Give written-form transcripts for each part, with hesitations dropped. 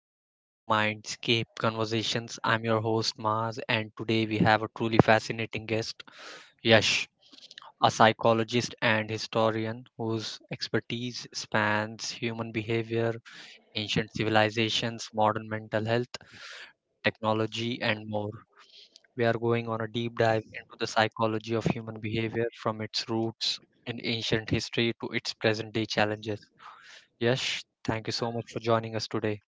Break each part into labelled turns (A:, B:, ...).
A: our show, Mindscape Conversations. I'm your host, Maz, and today we have a truly fascinating guest, Yash, a psychologist and historian whose expertise spans human behavior, ancient civilizations, modern mental health, technology, and more. We are going on a deep dive into the psychology of human behavior from its roots in ancient history to its present day challenges. Yash, thank you so much for joining us today.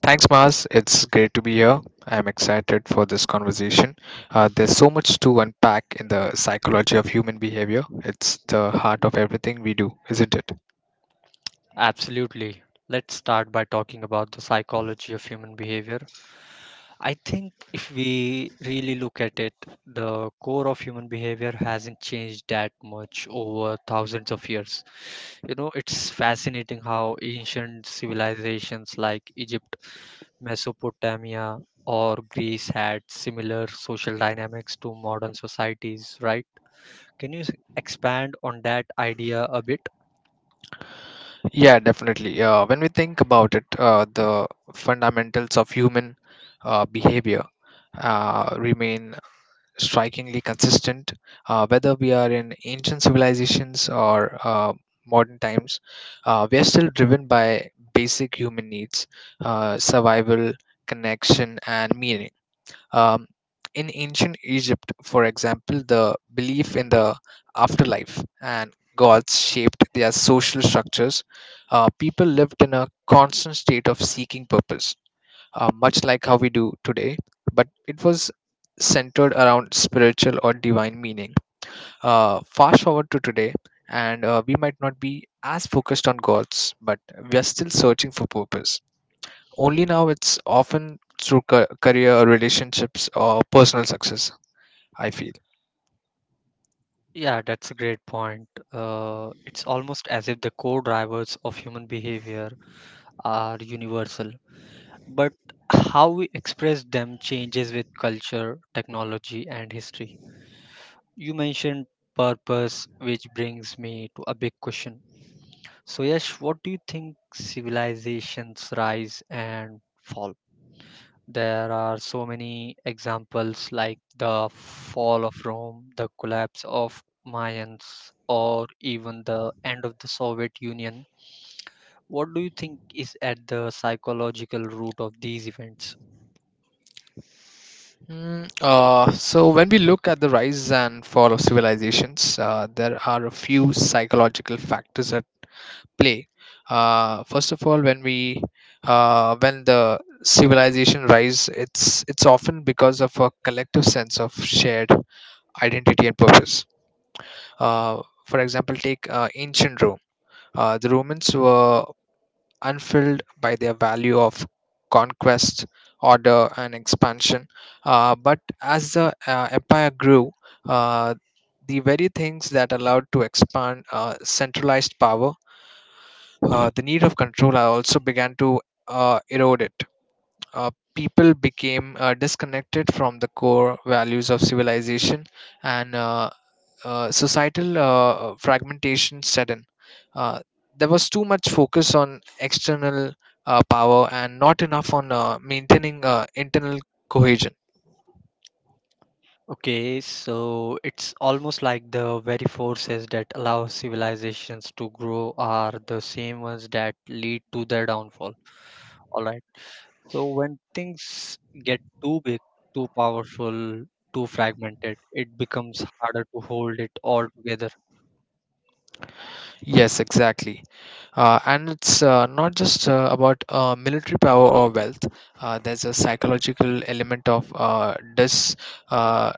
B: Thanks, Mars. It's great to be here. I'm excited for this conversation. There's so much to unpack in the psychology of human behavior. It's the heart of everything we do, isn't it?
A: Absolutely. Let's start by talking about the psychology of human behavior. I think if we really look at it, the core of human behavior hasn't changed that much over thousands of years. You know, it's fascinating how ancient civilizations like Egypt, Mesopotamia, or Greece had similar social dynamics to modern societies, right? Can you s- expand on that idea a bit?
B: Yeah, definitely. When we think about it, the fundamentals of human behavior remain strikingly consistent, whether we are in ancient civilizations or modern times. We are still driven by basic human needs, survival, connection, and meaning. Um, in ancient Egypt, for example, the belief in the afterlife and gods shaped their social structures. People lived in a constant state of seeking purpose much like how we do today, but it was centered around spiritual or divine meaning. Fast forward to today, and we might not be as focused on gods, but we are still searching for purpose. Only now it's often through career, or relationships, or personal success, I feel.
A: Yeah, that's a great point. It's almost as if the core drivers of human behavior are universal, but how we express them changes with culture, technology, and history. You mentioned purpose, which brings me to a big question. So, Yash, what do you think civilizations rise and fall? There are so many examples like the fall of Rome, the collapse of Mayans, or even the end of the Soviet Union. What do you think is at the psychological root of these events?
B: So when we look at the rise and fall of civilizations, there are a few psychological factors at play. First of all, when the civilization rise, it's often because of a collective sense of shared identity and purpose. Uh, for example, take ancient Rome. The Romans were unfilled by their value of conquest, order, and expansion. But as the empire grew, uh, the very things that allowed to expand, centralized power, the need of control, also began to erode it. People became disconnected from the core values of civilization, and societal fragmentation set in. Uh, there was too much focus on external power and not enough on maintaining internal cohesion.
A: Okay, so it's almost like the very forces that allow civilizations to grow are the same ones that lead to their downfall. All right. So when things get too big, too powerful, too fragmented, it becomes harder to hold it all together.
B: Yes, exactly. And it's not just about military power or wealth. There's a psychological element of dis uh,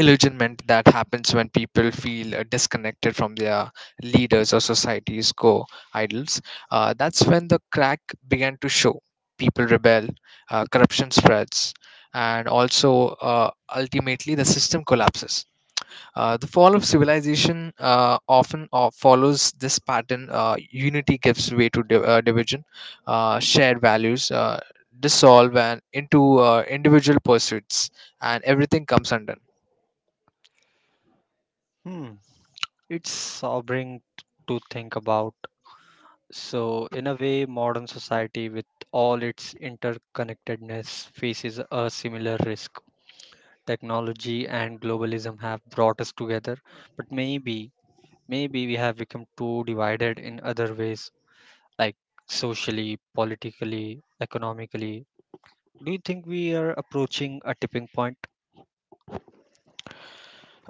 B: illusionment that happens when people feel disconnected from their leaders or society's core idols. That's when the crack began to show. People rebel, corruption spreads, and also ultimately the system collapses. The fall of civilization often follows this pattern. Unity gives way to division. Shared values dissolve and into individual pursuits, and everything comes undone.
A: Hmm. It's sobering to think about. So in a way, modern society with all its interconnectedness faces a similar risk. Technology and globalism have brought us together, but maybe we have become too divided in other ways, like socially, politically, economically. Do you think we are approaching a tipping point?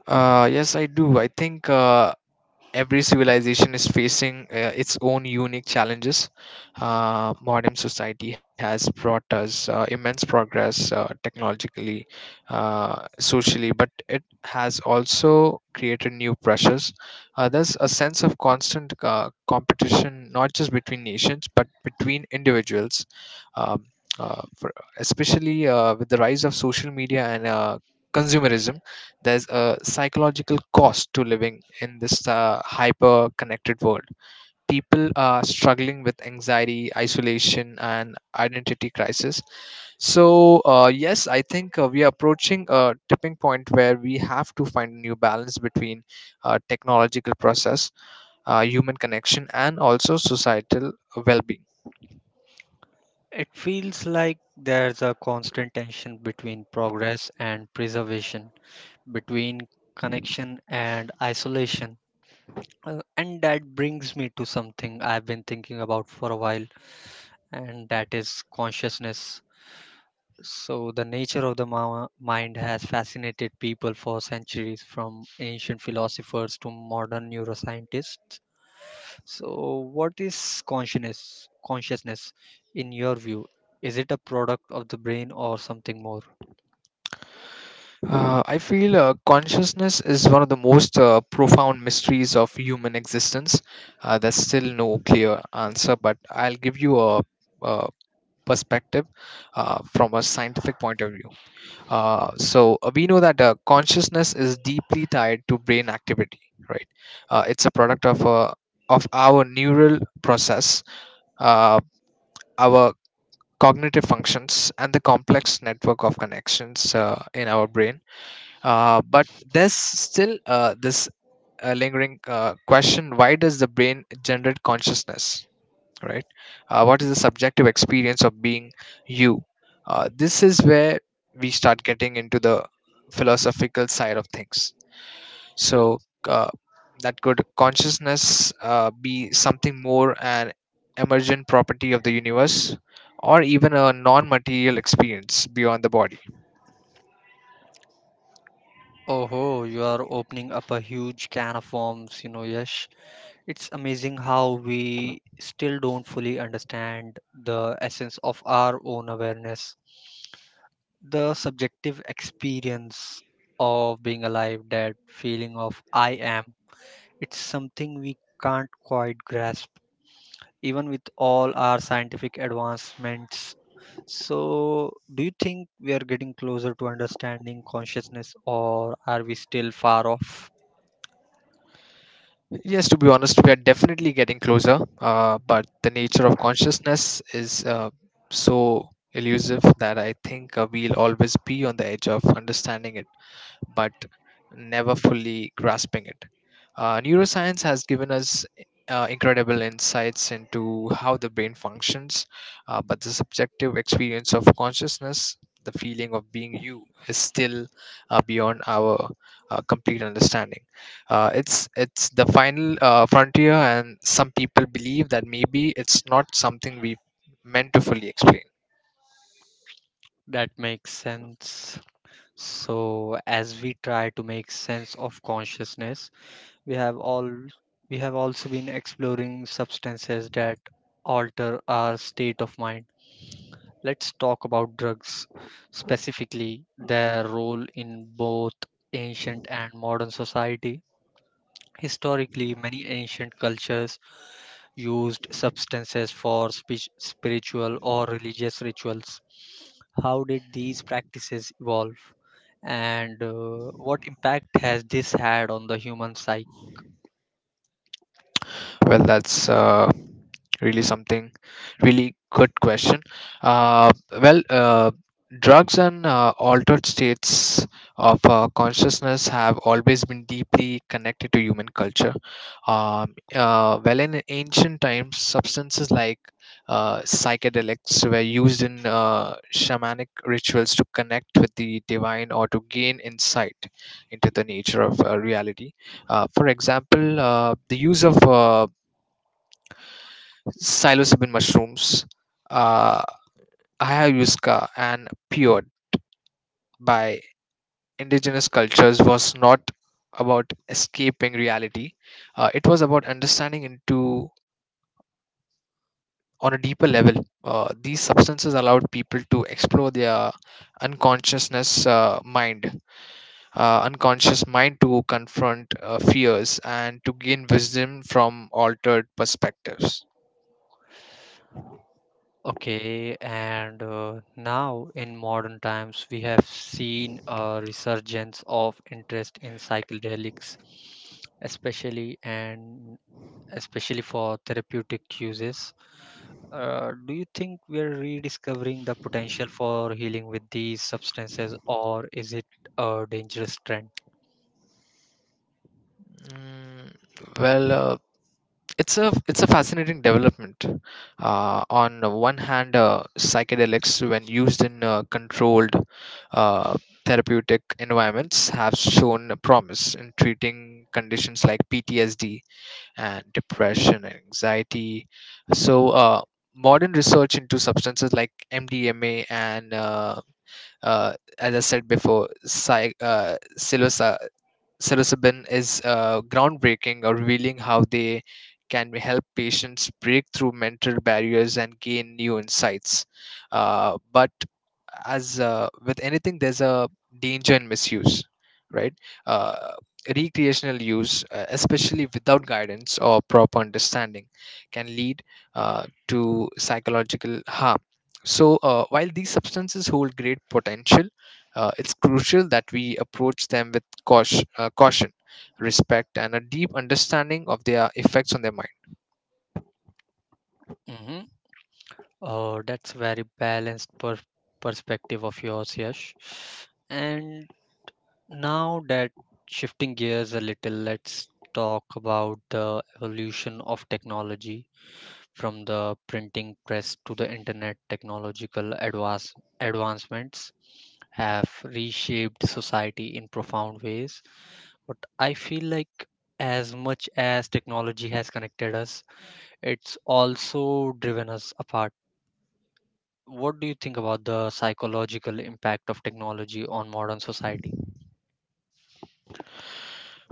B: Yes, I do. I think every civilization is facing its own unique challenges. Modern society has brought us immense progress technologically, socially, but it has also created new pressures. There's a sense of constant competition, not just between nations, but between individuals. Um, uh, for, Especially with the rise of social media and consumerism, there's a psychological cost to living in this hyper connected world. People are struggling with anxiety, isolation, and identity crisis. So, yes, I think we are approaching a tipping point where we have to find a new balance between technological process, human connection, and also societal well being.
A: It feels like there's a constant tension between progress and preservation, between connection and isolation. And that brings me to something I've been thinking about for a while, and that is consciousness. So, the nature of the mind has fascinated people for centuries, from ancient philosophers to modern neuroscientists. So, what is consciousness? Consciousness, in your view, is it a product of the brain or something more?
B: I feel consciousness is one of the most profound mysteries of human existence. There's still no clear answer, but I'll give you a perspective from a scientific point of view. So we know that consciousness is deeply tied to brain activity, right? It's a product of of our neural process, uh, our cognitive functions, and the complex network of connections in our brain, but there's still this lingering question, why does the brain generate consciousness, right? What is the subjective experience of being you? This is where we start getting into the philosophical side of things. So, uh, that could consciousness be something more, an emergent property of the universe or even a non material experience beyond the body?
A: Oh, you are opening up a huge can of worms, you know, Yash. It's amazing how we still don't fully understand the essence of our own awareness, the subjective experience of being alive, that feeling of I am. It's something we can't quite grasp, even with all our scientific advancements. So, do you think we are getting closer to understanding consciousness, or are we still far off?
B: Yes, to be honest, we are definitely getting closer, but the nature of consciousness is so elusive that I think we'll always be on the edge of understanding it but never fully grasping it. Neuroscience has given us incredible insights into how the brain functions, but the subjective experience of consciousness, the feeling of being you, is still beyond our complete understanding. It's the final frontier, and some people believe that maybe it's not something we meant to fully explain.
A: That makes sense. So, as we try to make sense of consciousness, we have all we have also been exploring substances that alter our state of mind. Let's talk about drugs, specifically their role in both ancient and modern society. Historically, many ancient cultures used substances for spiritual or religious rituals. How did these practices evolve, and what impact has this had on the human psyche?
B: Well, that's really something, really good question. Uh, well, drugs and altered states of consciousness have always been deeply connected to human culture. Well, in ancient times, substances like psychedelics were used in shamanic rituals to connect with the divine or to gain insight into the nature of reality. For example, the use of psilocybin mushrooms, uh, ayahuasca, and peyote by indigenous cultures was not about escaping reality. It was about understanding into on a deeper level. These substances allowed people to explore their unconsciousness uh, mind, unconscious mind, to confront fears and to gain wisdom from altered perspectives.
A: Okay, and now in modern times, we have seen a resurgence of interest in psychedelics, especially and especially for therapeutic uses. Do you think we are rediscovering the potential for healing with these substances, or is it a dangerous trend?
B: Mm, well, uh, it's a fascinating development. On one hand, psychedelics, when used in controlled uh, therapeutic environments, have shown a promise in treating conditions like PTSD and depression and anxiety. So, modern research into substances like MDMA and uh, as I said before, psilocybin, is groundbreaking, revealing how they can help patients break through mental barriers and gain new insights. But as with anything, there's a danger in misuse, right? Uh, Recreational use, especially without guidance or proper understanding, can lead to psychological harm. So, while these substances hold great potential, it's crucial that we approach them with caution, respect, and a deep understanding of their effects on their mind.
A: Mm-hmm. That's very balanced perspective of yours, Yash. And Now that Shifting gears a little, let's talk about the evolution of technology from the printing press to the internet. Advancements have reshaped society in profound ways, but I feel like as much as technology has connected us, it's also driven us apart. What do you think about the psychological impact of technology on modern society?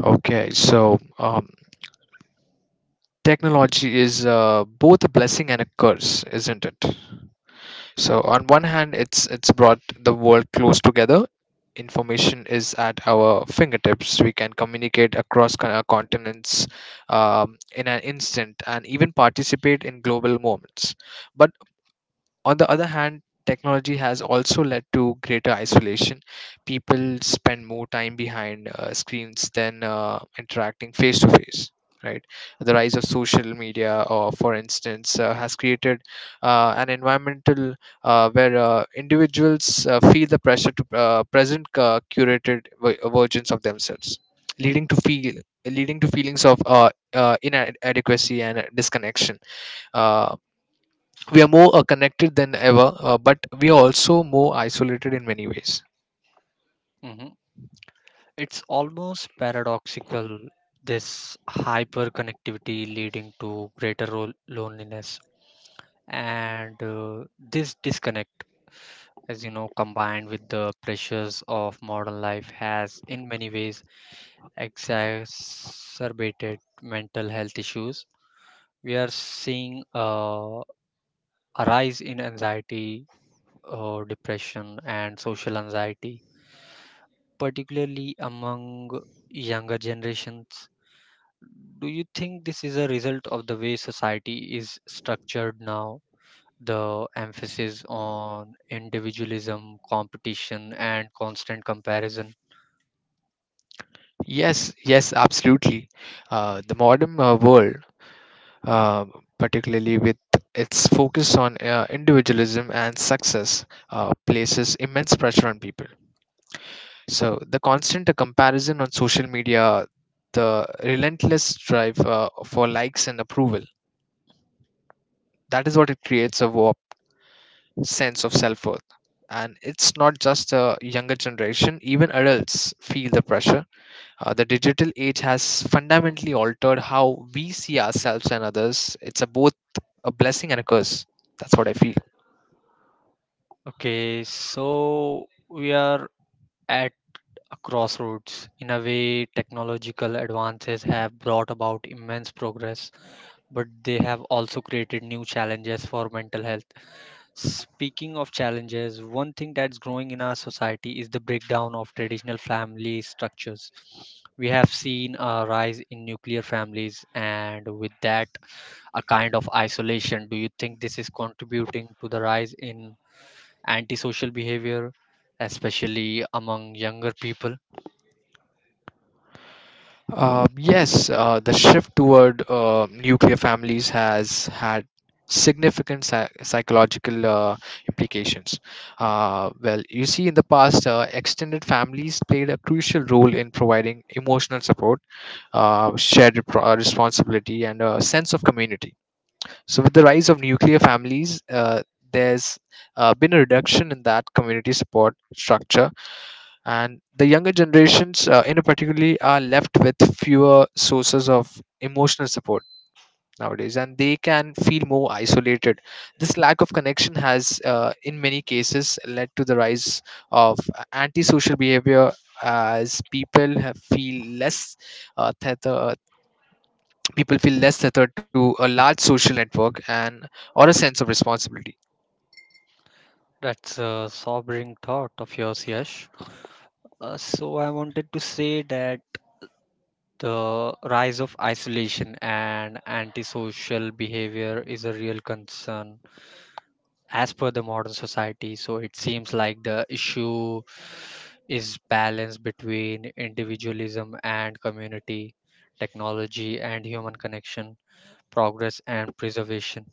B: Okay, so, technology is both a blessing and a curse, isn't it? So on one hand, it's brought the world close together. Information is at our fingertips. We can communicate across continents in an instant, and even participate in global moments. But on the other hand, technology has also led to greater isolation. People spend more time behind screens than interacting face to face. Right, the rise of social media, or for instance, has created an environmental where individuals feel the pressure to present curated versions of themselves, leading to feel leading to feelings of inadequacy and disconnection. Uh, we are more connected than ever, but we are also more isolated in many ways.
A: Mm-hmm. It's almost paradoxical, this hyperconnectivity leading to greater loneliness, and this disconnect, as you know, combined with the pressures of modern life has in many ways exacerbated mental health issues. We are seeing a rise in anxiety, depression, and social anxiety, particularly among younger generations. Do you think this is a result of the way society is structured now? The emphasis on individualism, competition, and constant comparison.
B: Yes, yes, absolutely. The modern world, uh, particularly with its focus on individualism and success, places immense pressure on people. So the constant comparison on social media, the relentless drive for likes and approval, that is what it creates, a war sense of self worth. And it's not just the younger generation, even adults feel the pressure. The digital age has fundamentally altered how we see ourselves and others. It's a both a blessing and a curse. That's what I feel.
A: Okay, so we are at a crossroads. In a way, technological advances have brought about immense progress, but they have also created new challenges for mental health. Speaking of challenges, one thing that's growing in our society is the breakdown of traditional family structures. We have seen a rise in nuclear families, and with that, a kind of isolation. Do you think this is contributing to the rise in antisocial behavior, especially among younger people?
B: Yes, the shift toward nuclear families has had significant psychological implications. Well, you see, in the past, extended families played a crucial role in providing emotional support, shared responsibility, and a sense of community. So, with the rise of nuclear families, there's been a reduction in that community support structure, and the younger generations in a particularly are left with fewer sources of emotional support nowadays, and they can feel more isolated. This lack of connection has in many cases led to the rise of antisocial behavior, as people have feel less uh, tether, people feel less tethered to a large social network and or a sense of responsibility.
A: That's a sobering thought of yours, Yash. I wanted to say that the rise of isolation and antisocial behavior is a real concern as per the modern society. So it seems like the issue is balance between individualism and community, technology and human connection, progress and preservation.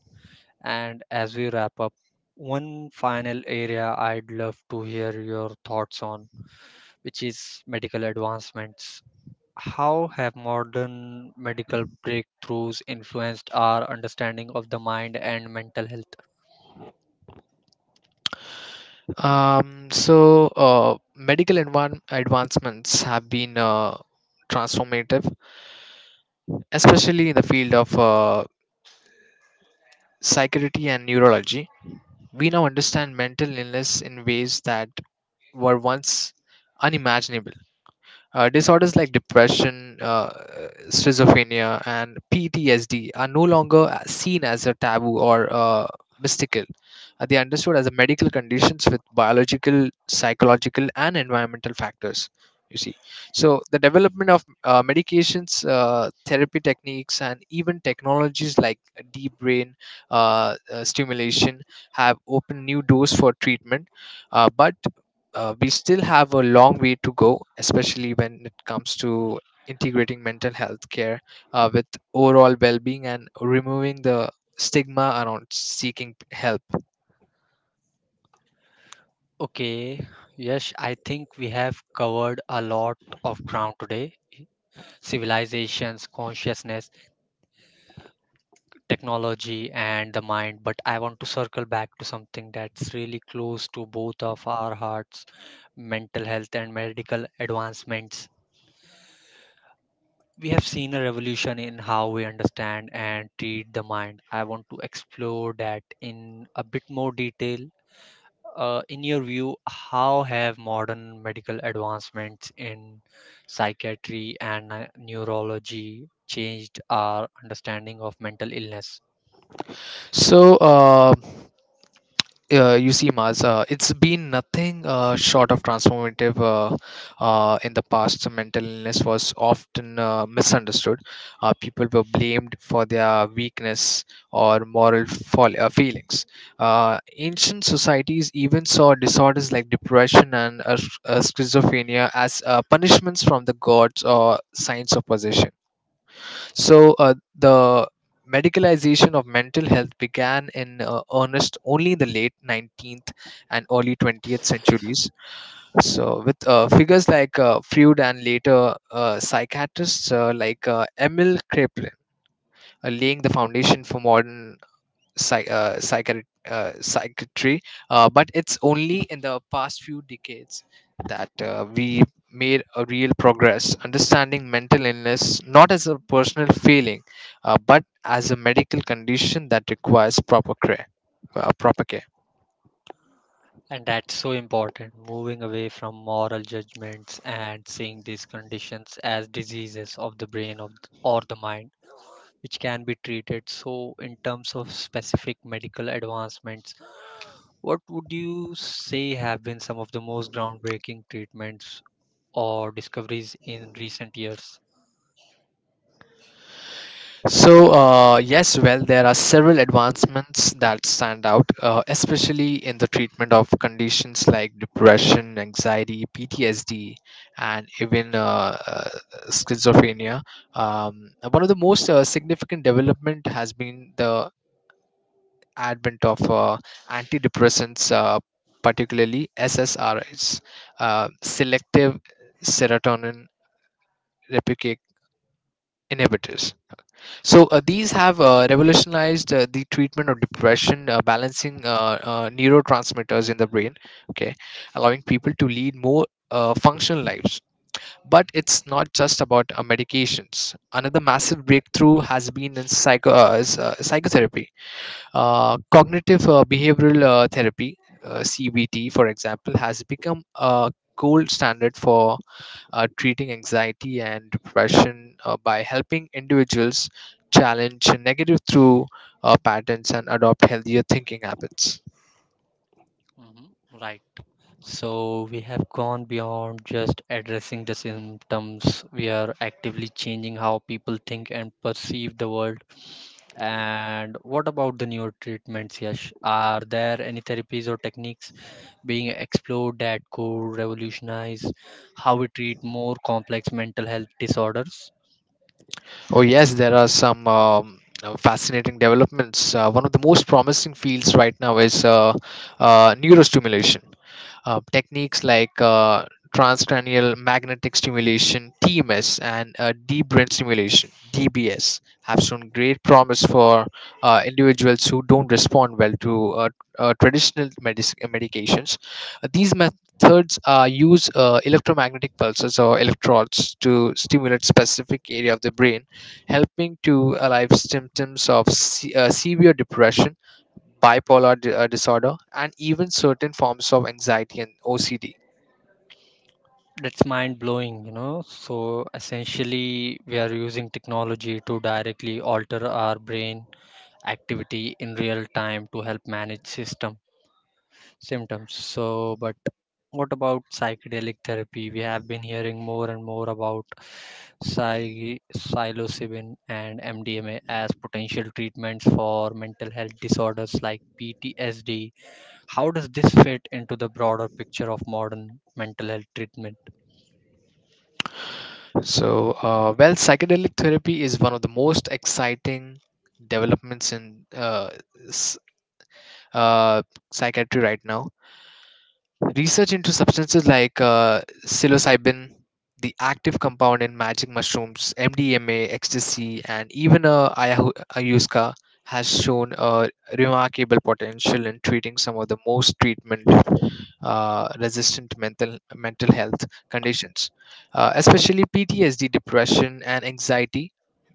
A: And as we wrap up, one final area I'd love to hear your thoughts on, which is medical advancements. How have modern medical breakthroughs influenced our understanding of the mind and mental health?
B: So, medical advancements have been transformative, especially in the field of psychiatry and neurology. We now understand mental illness in ways that were once unimaginable. Disorders like depression, schizophrenia, and PTSD are no longer seen as a taboo or mystical. They are understood as a medical conditions with biological, psychological, and environmental factors. You see, so the development of medications, therapy techniques, and even technologies like deep brain stimulation have opened new doors for treatment. But we still have a long way to go, especially when it comes to integrating mental health care with overall well being and removing the stigma around seeking help.
A: Okay, yes, I think we have covered a lot of ground today: civilizations, consciousness, technology, and the mind. But I want to circle back to something that's really close to both of our hearts: mental health and medical advancements. We have seen a revolution in how we understand and treat the mind. I want to explore that in a bit more detail. In your view, how have modern medical advancements in psychiatry and neurology changed our understanding of mental illness?
B: So, you see, Maz, it's been nothing short of transformative in the past. So, mental illness was often misunderstood. People were blamed for their weakness or moral feelings. Ancient societies even saw disorders like depression and schizophrenia as punishments from the gods or signs of possession. The medicalization of mental health began in earnest only in the late 19th and early 20th centuries, So with figures like Freud and later psychiatrists like Emil Kraepelin laying the foundation for modern psych, uh, psychiat- psychiatry, but it's only in the past few decades that we made a real progress understanding mental illness not as a personal feeling but as a medical condition that requires proper care.
A: And that's so important, moving away from moral judgments and seeing these conditions as diseases of the brain, of, or the mind, which can be treated. So, in terms of specific medical advancements, what would you say have been some of the most groundbreaking treatments or discoveries in recent years?
B: Yes, well, there are several advancements that stand out, especially in the treatment of conditions like depression, anxiety, PTSD, and even schizophrenia. One of the most significant development has been the advent of antidepressants, particularly SSRIs, selective serotonin replicate inhibitors. These have revolutionized the treatment of depression, balancing neurotransmitters in the brain, okay, allowing people to lead more functional lives. But it's not just about medications. Another massive breakthrough has been in psychotherapy, cognitive behavioral therapy, CBT, for example, has become a gold standard for treating anxiety and depression by helping individuals challenge negative through patterns and adopt healthier thinking habits.
A: Right. So, we have gone beyond just addressing the symptoms. We are actively changing how people think and perceive the world. And what about the newer treatments, Yash? Are there any therapies or techniques being explored that could revolutionize how we treat more complex mental health disorders?
B: Oh, yes, there are some fascinating developments. One of the most promising fields right now is neurostimulation. Techniques like transcranial magnetic stimulation (TMS) and deep brain stimulation (DBS) have shown great promise for individuals who don't respond well to traditional medications. These methods use electromagnetic pulses or electrodes to stimulate specific area of the brain, helping to alleviate symptoms of severe depression, disorder, and even certain forms of anxiety and OCD.
A: That's mind blowing, you know. So essentially, we are using technology to directly alter our brain activity in real time to help manage system symptoms. So, but what about psychedelic therapy? We have been hearing more and more about psilocybin and MDMA as potential treatments for mental health disorders like PTSD. How does this fit into the broader picture of modern mental health treatment?
B: Well, psychedelic therapy is one of the most exciting developments in s- uh, psychiatry right now. Research into substances like psilocybin, the active compound in magic mushrooms, MDMA, ecstasy, and even ayahuasca has shown a remarkable potential in treating some of the most treatment resistant mental health conditions, especially PTSD, depression, and anxiety.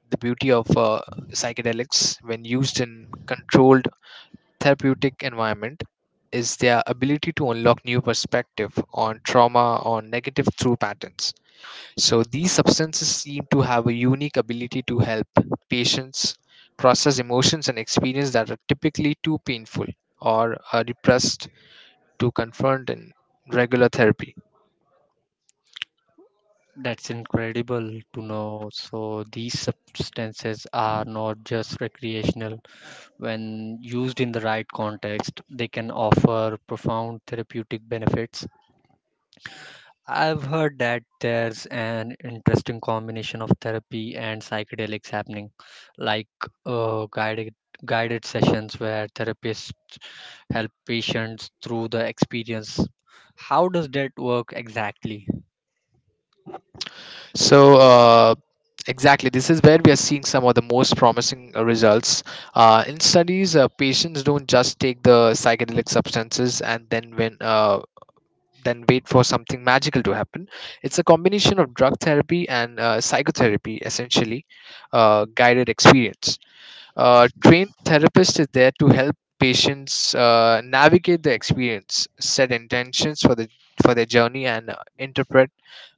B: The beauty of psychedelics, when used in controlled therapeutic environment, is their ability to unlock new perspective on trauma or negative through patterns. So these substances seem to have a unique ability to help patients process emotions and experience that are typically too painful or repressed to confront in regular therapy.
A: That's incredible to know. So, these substances are not just recreational. When used in the right context, they can offer profound therapeutic benefits. I've heard that there's an interesting combination of therapy and psychedelics happening, like uh, guided guided sessions where therapists help patients through the experience. How does that work exactly?
B: So, uh, exactly, this is where we are seeing some of the most promising results. In studies, patients don't just take the psychedelic substances and then wait for something magical to happen. It's a combination of drug therapy and psychotherapy, essentially, guided experience. A trained therapist is there to help patients navigate the experience, set intentions for the for their journey, and interpret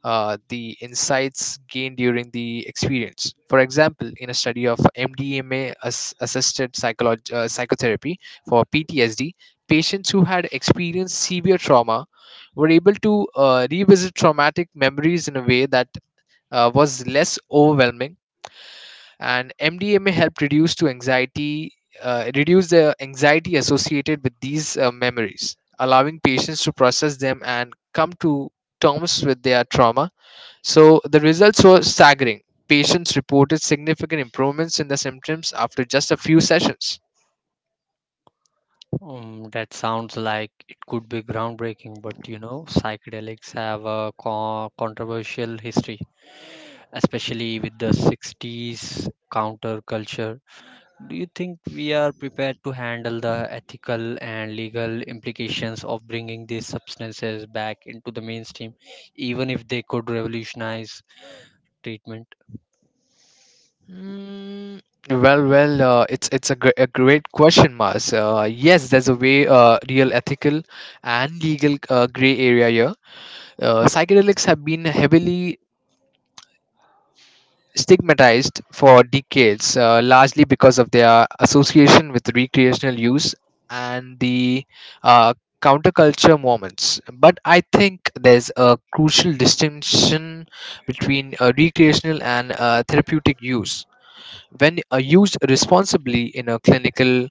B: the insights gained during the experience. For example, in a study of MDMA assisted psychotherapy for PTSD, patients who had experienced severe trauma were able to revisit traumatic memories in a way that was less overwhelming, and mdma helped reduce to anxiety reduce the anxiety associated with these memories, allowing patients to process them and come to terms with their trauma. So the results were staggering. Patients reported significant improvements in the symptoms after just a few sessions.
A: That sounds like it could be groundbreaking, but you know, psychedelics have a controversial history, especially with the 60s counterculture. Do you think we are prepared to handle the ethical and legal implications of bringing these substances back into the mainstream, even if they could revolutionize treatment?
B: Mm, well, a great question, Mars. Yes, there's a real ethical and legal gray area here. Psychedelics have been heavily stigmatized for decades, largely because of their association with recreational use and the uh, counterculture movements. But I think there's a crucial distinction between recreational and therapeutic use. When used responsibly in a clinical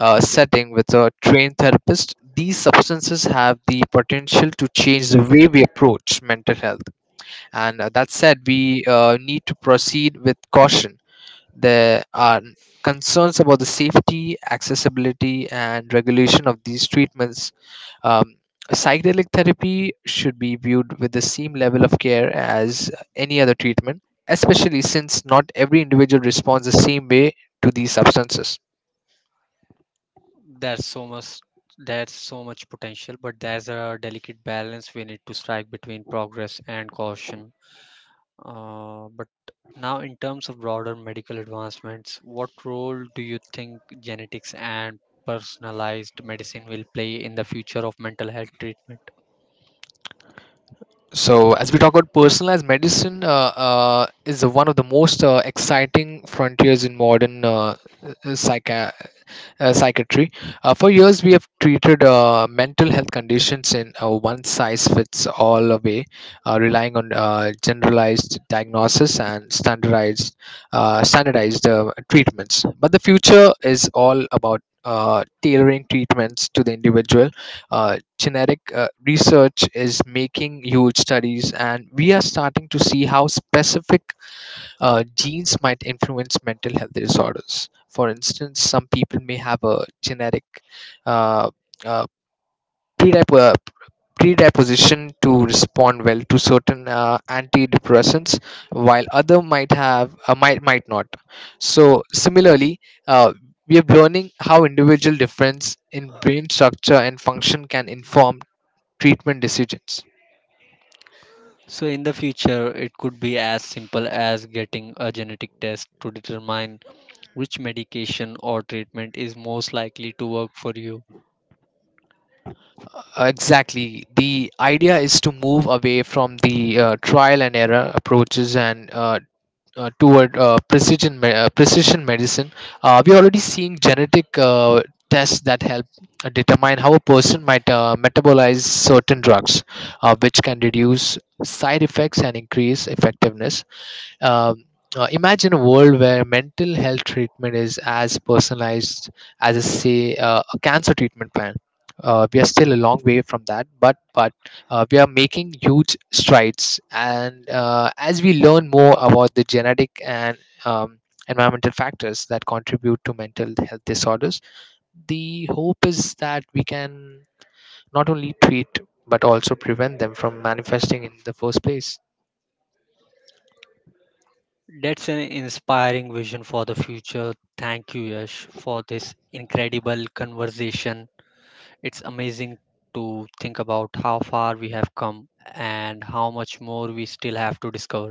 B: setting with a trained therapist, these substances have the potential to change the way we approach mental health. And that said, we need to proceed with caution. There are concerns about the safety, accessibility, and regulation of these treatments. um, Psychedelic therapy should be viewed with the same level of care as any other treatment, especially since not every individual responds the same way to these substances.
A: There's so much there's so much potential, but there's a delicate balance we need to strike between progress and caution. But Now, in terms of broader medical advancements, what role do you think genetics and personalized medicine will play in the future of mental health treatment?
B: So, as we talk about personalized medicine, is one of the most exciting frontiers in modern psych- psychiatry. For years, we have treated mental health conditions in a one size fits all way, relying on generalized diagnosis and standardized treatments. But the future is all about tailoring treatments to the individual. Generic research is making huge studies, and we are starting to see how specific genes might influence mental health disorders. For instance, some people may have a genetic uh, uh, predip- uh, predisposition to respond well to certain antidepressants, while other might have might not. So similarly, uh, we are learning how individual difference in brain structure and function can inform treatment decisions.
A: So, in the future, it could be as simple as getting a genetic test to determine which medication or treatment is most likely to work for you.
B: Exactly. The idea is to move away from the trial and error approaches and toward precision medicine. We're already seeing genetic tests that help determine how a person might metabolize certain drugs, which can reduce side effects and increase effectiveness. Um, Imagine a world where mental health treatment is as personalized as, a, say, a cancer treatment plan. We are still a long way from that, but we are making huge strides. And as we learn more about the genetic and um, environmental factors that contribute to mental health disorders, the hope is that we can not only treat but also prevent them from manifesting in the first place.
A: That's an inspiring vision for the future. Thank you, Yash, for this incredible conversation. It's amazing to think about how far we have come and how much more we still have to discover.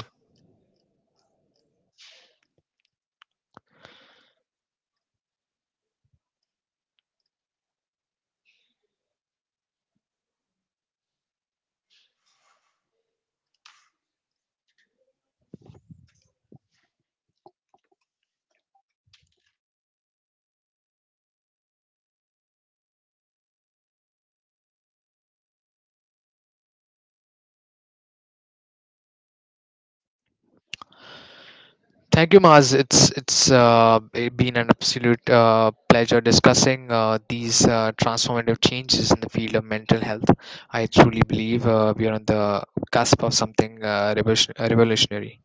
B: Thank you, Maz. It been an absolute pleasure discussing these transformative changes in the field of mental health. I truly believe we are on the cusp of something revolutionary.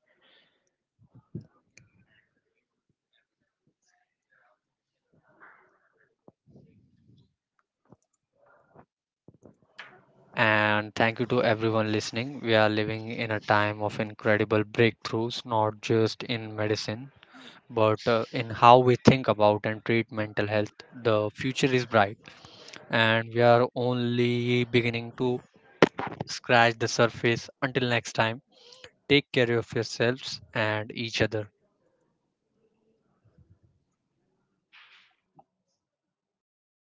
A: And thank you to everyone listening. We are living in a time of incredible breakthroughs, not just in medicine, but in how we think about and treat mental health. The future is bright, and we are only beginning to scratch the surface. Until next time, take care of yourselves and each other.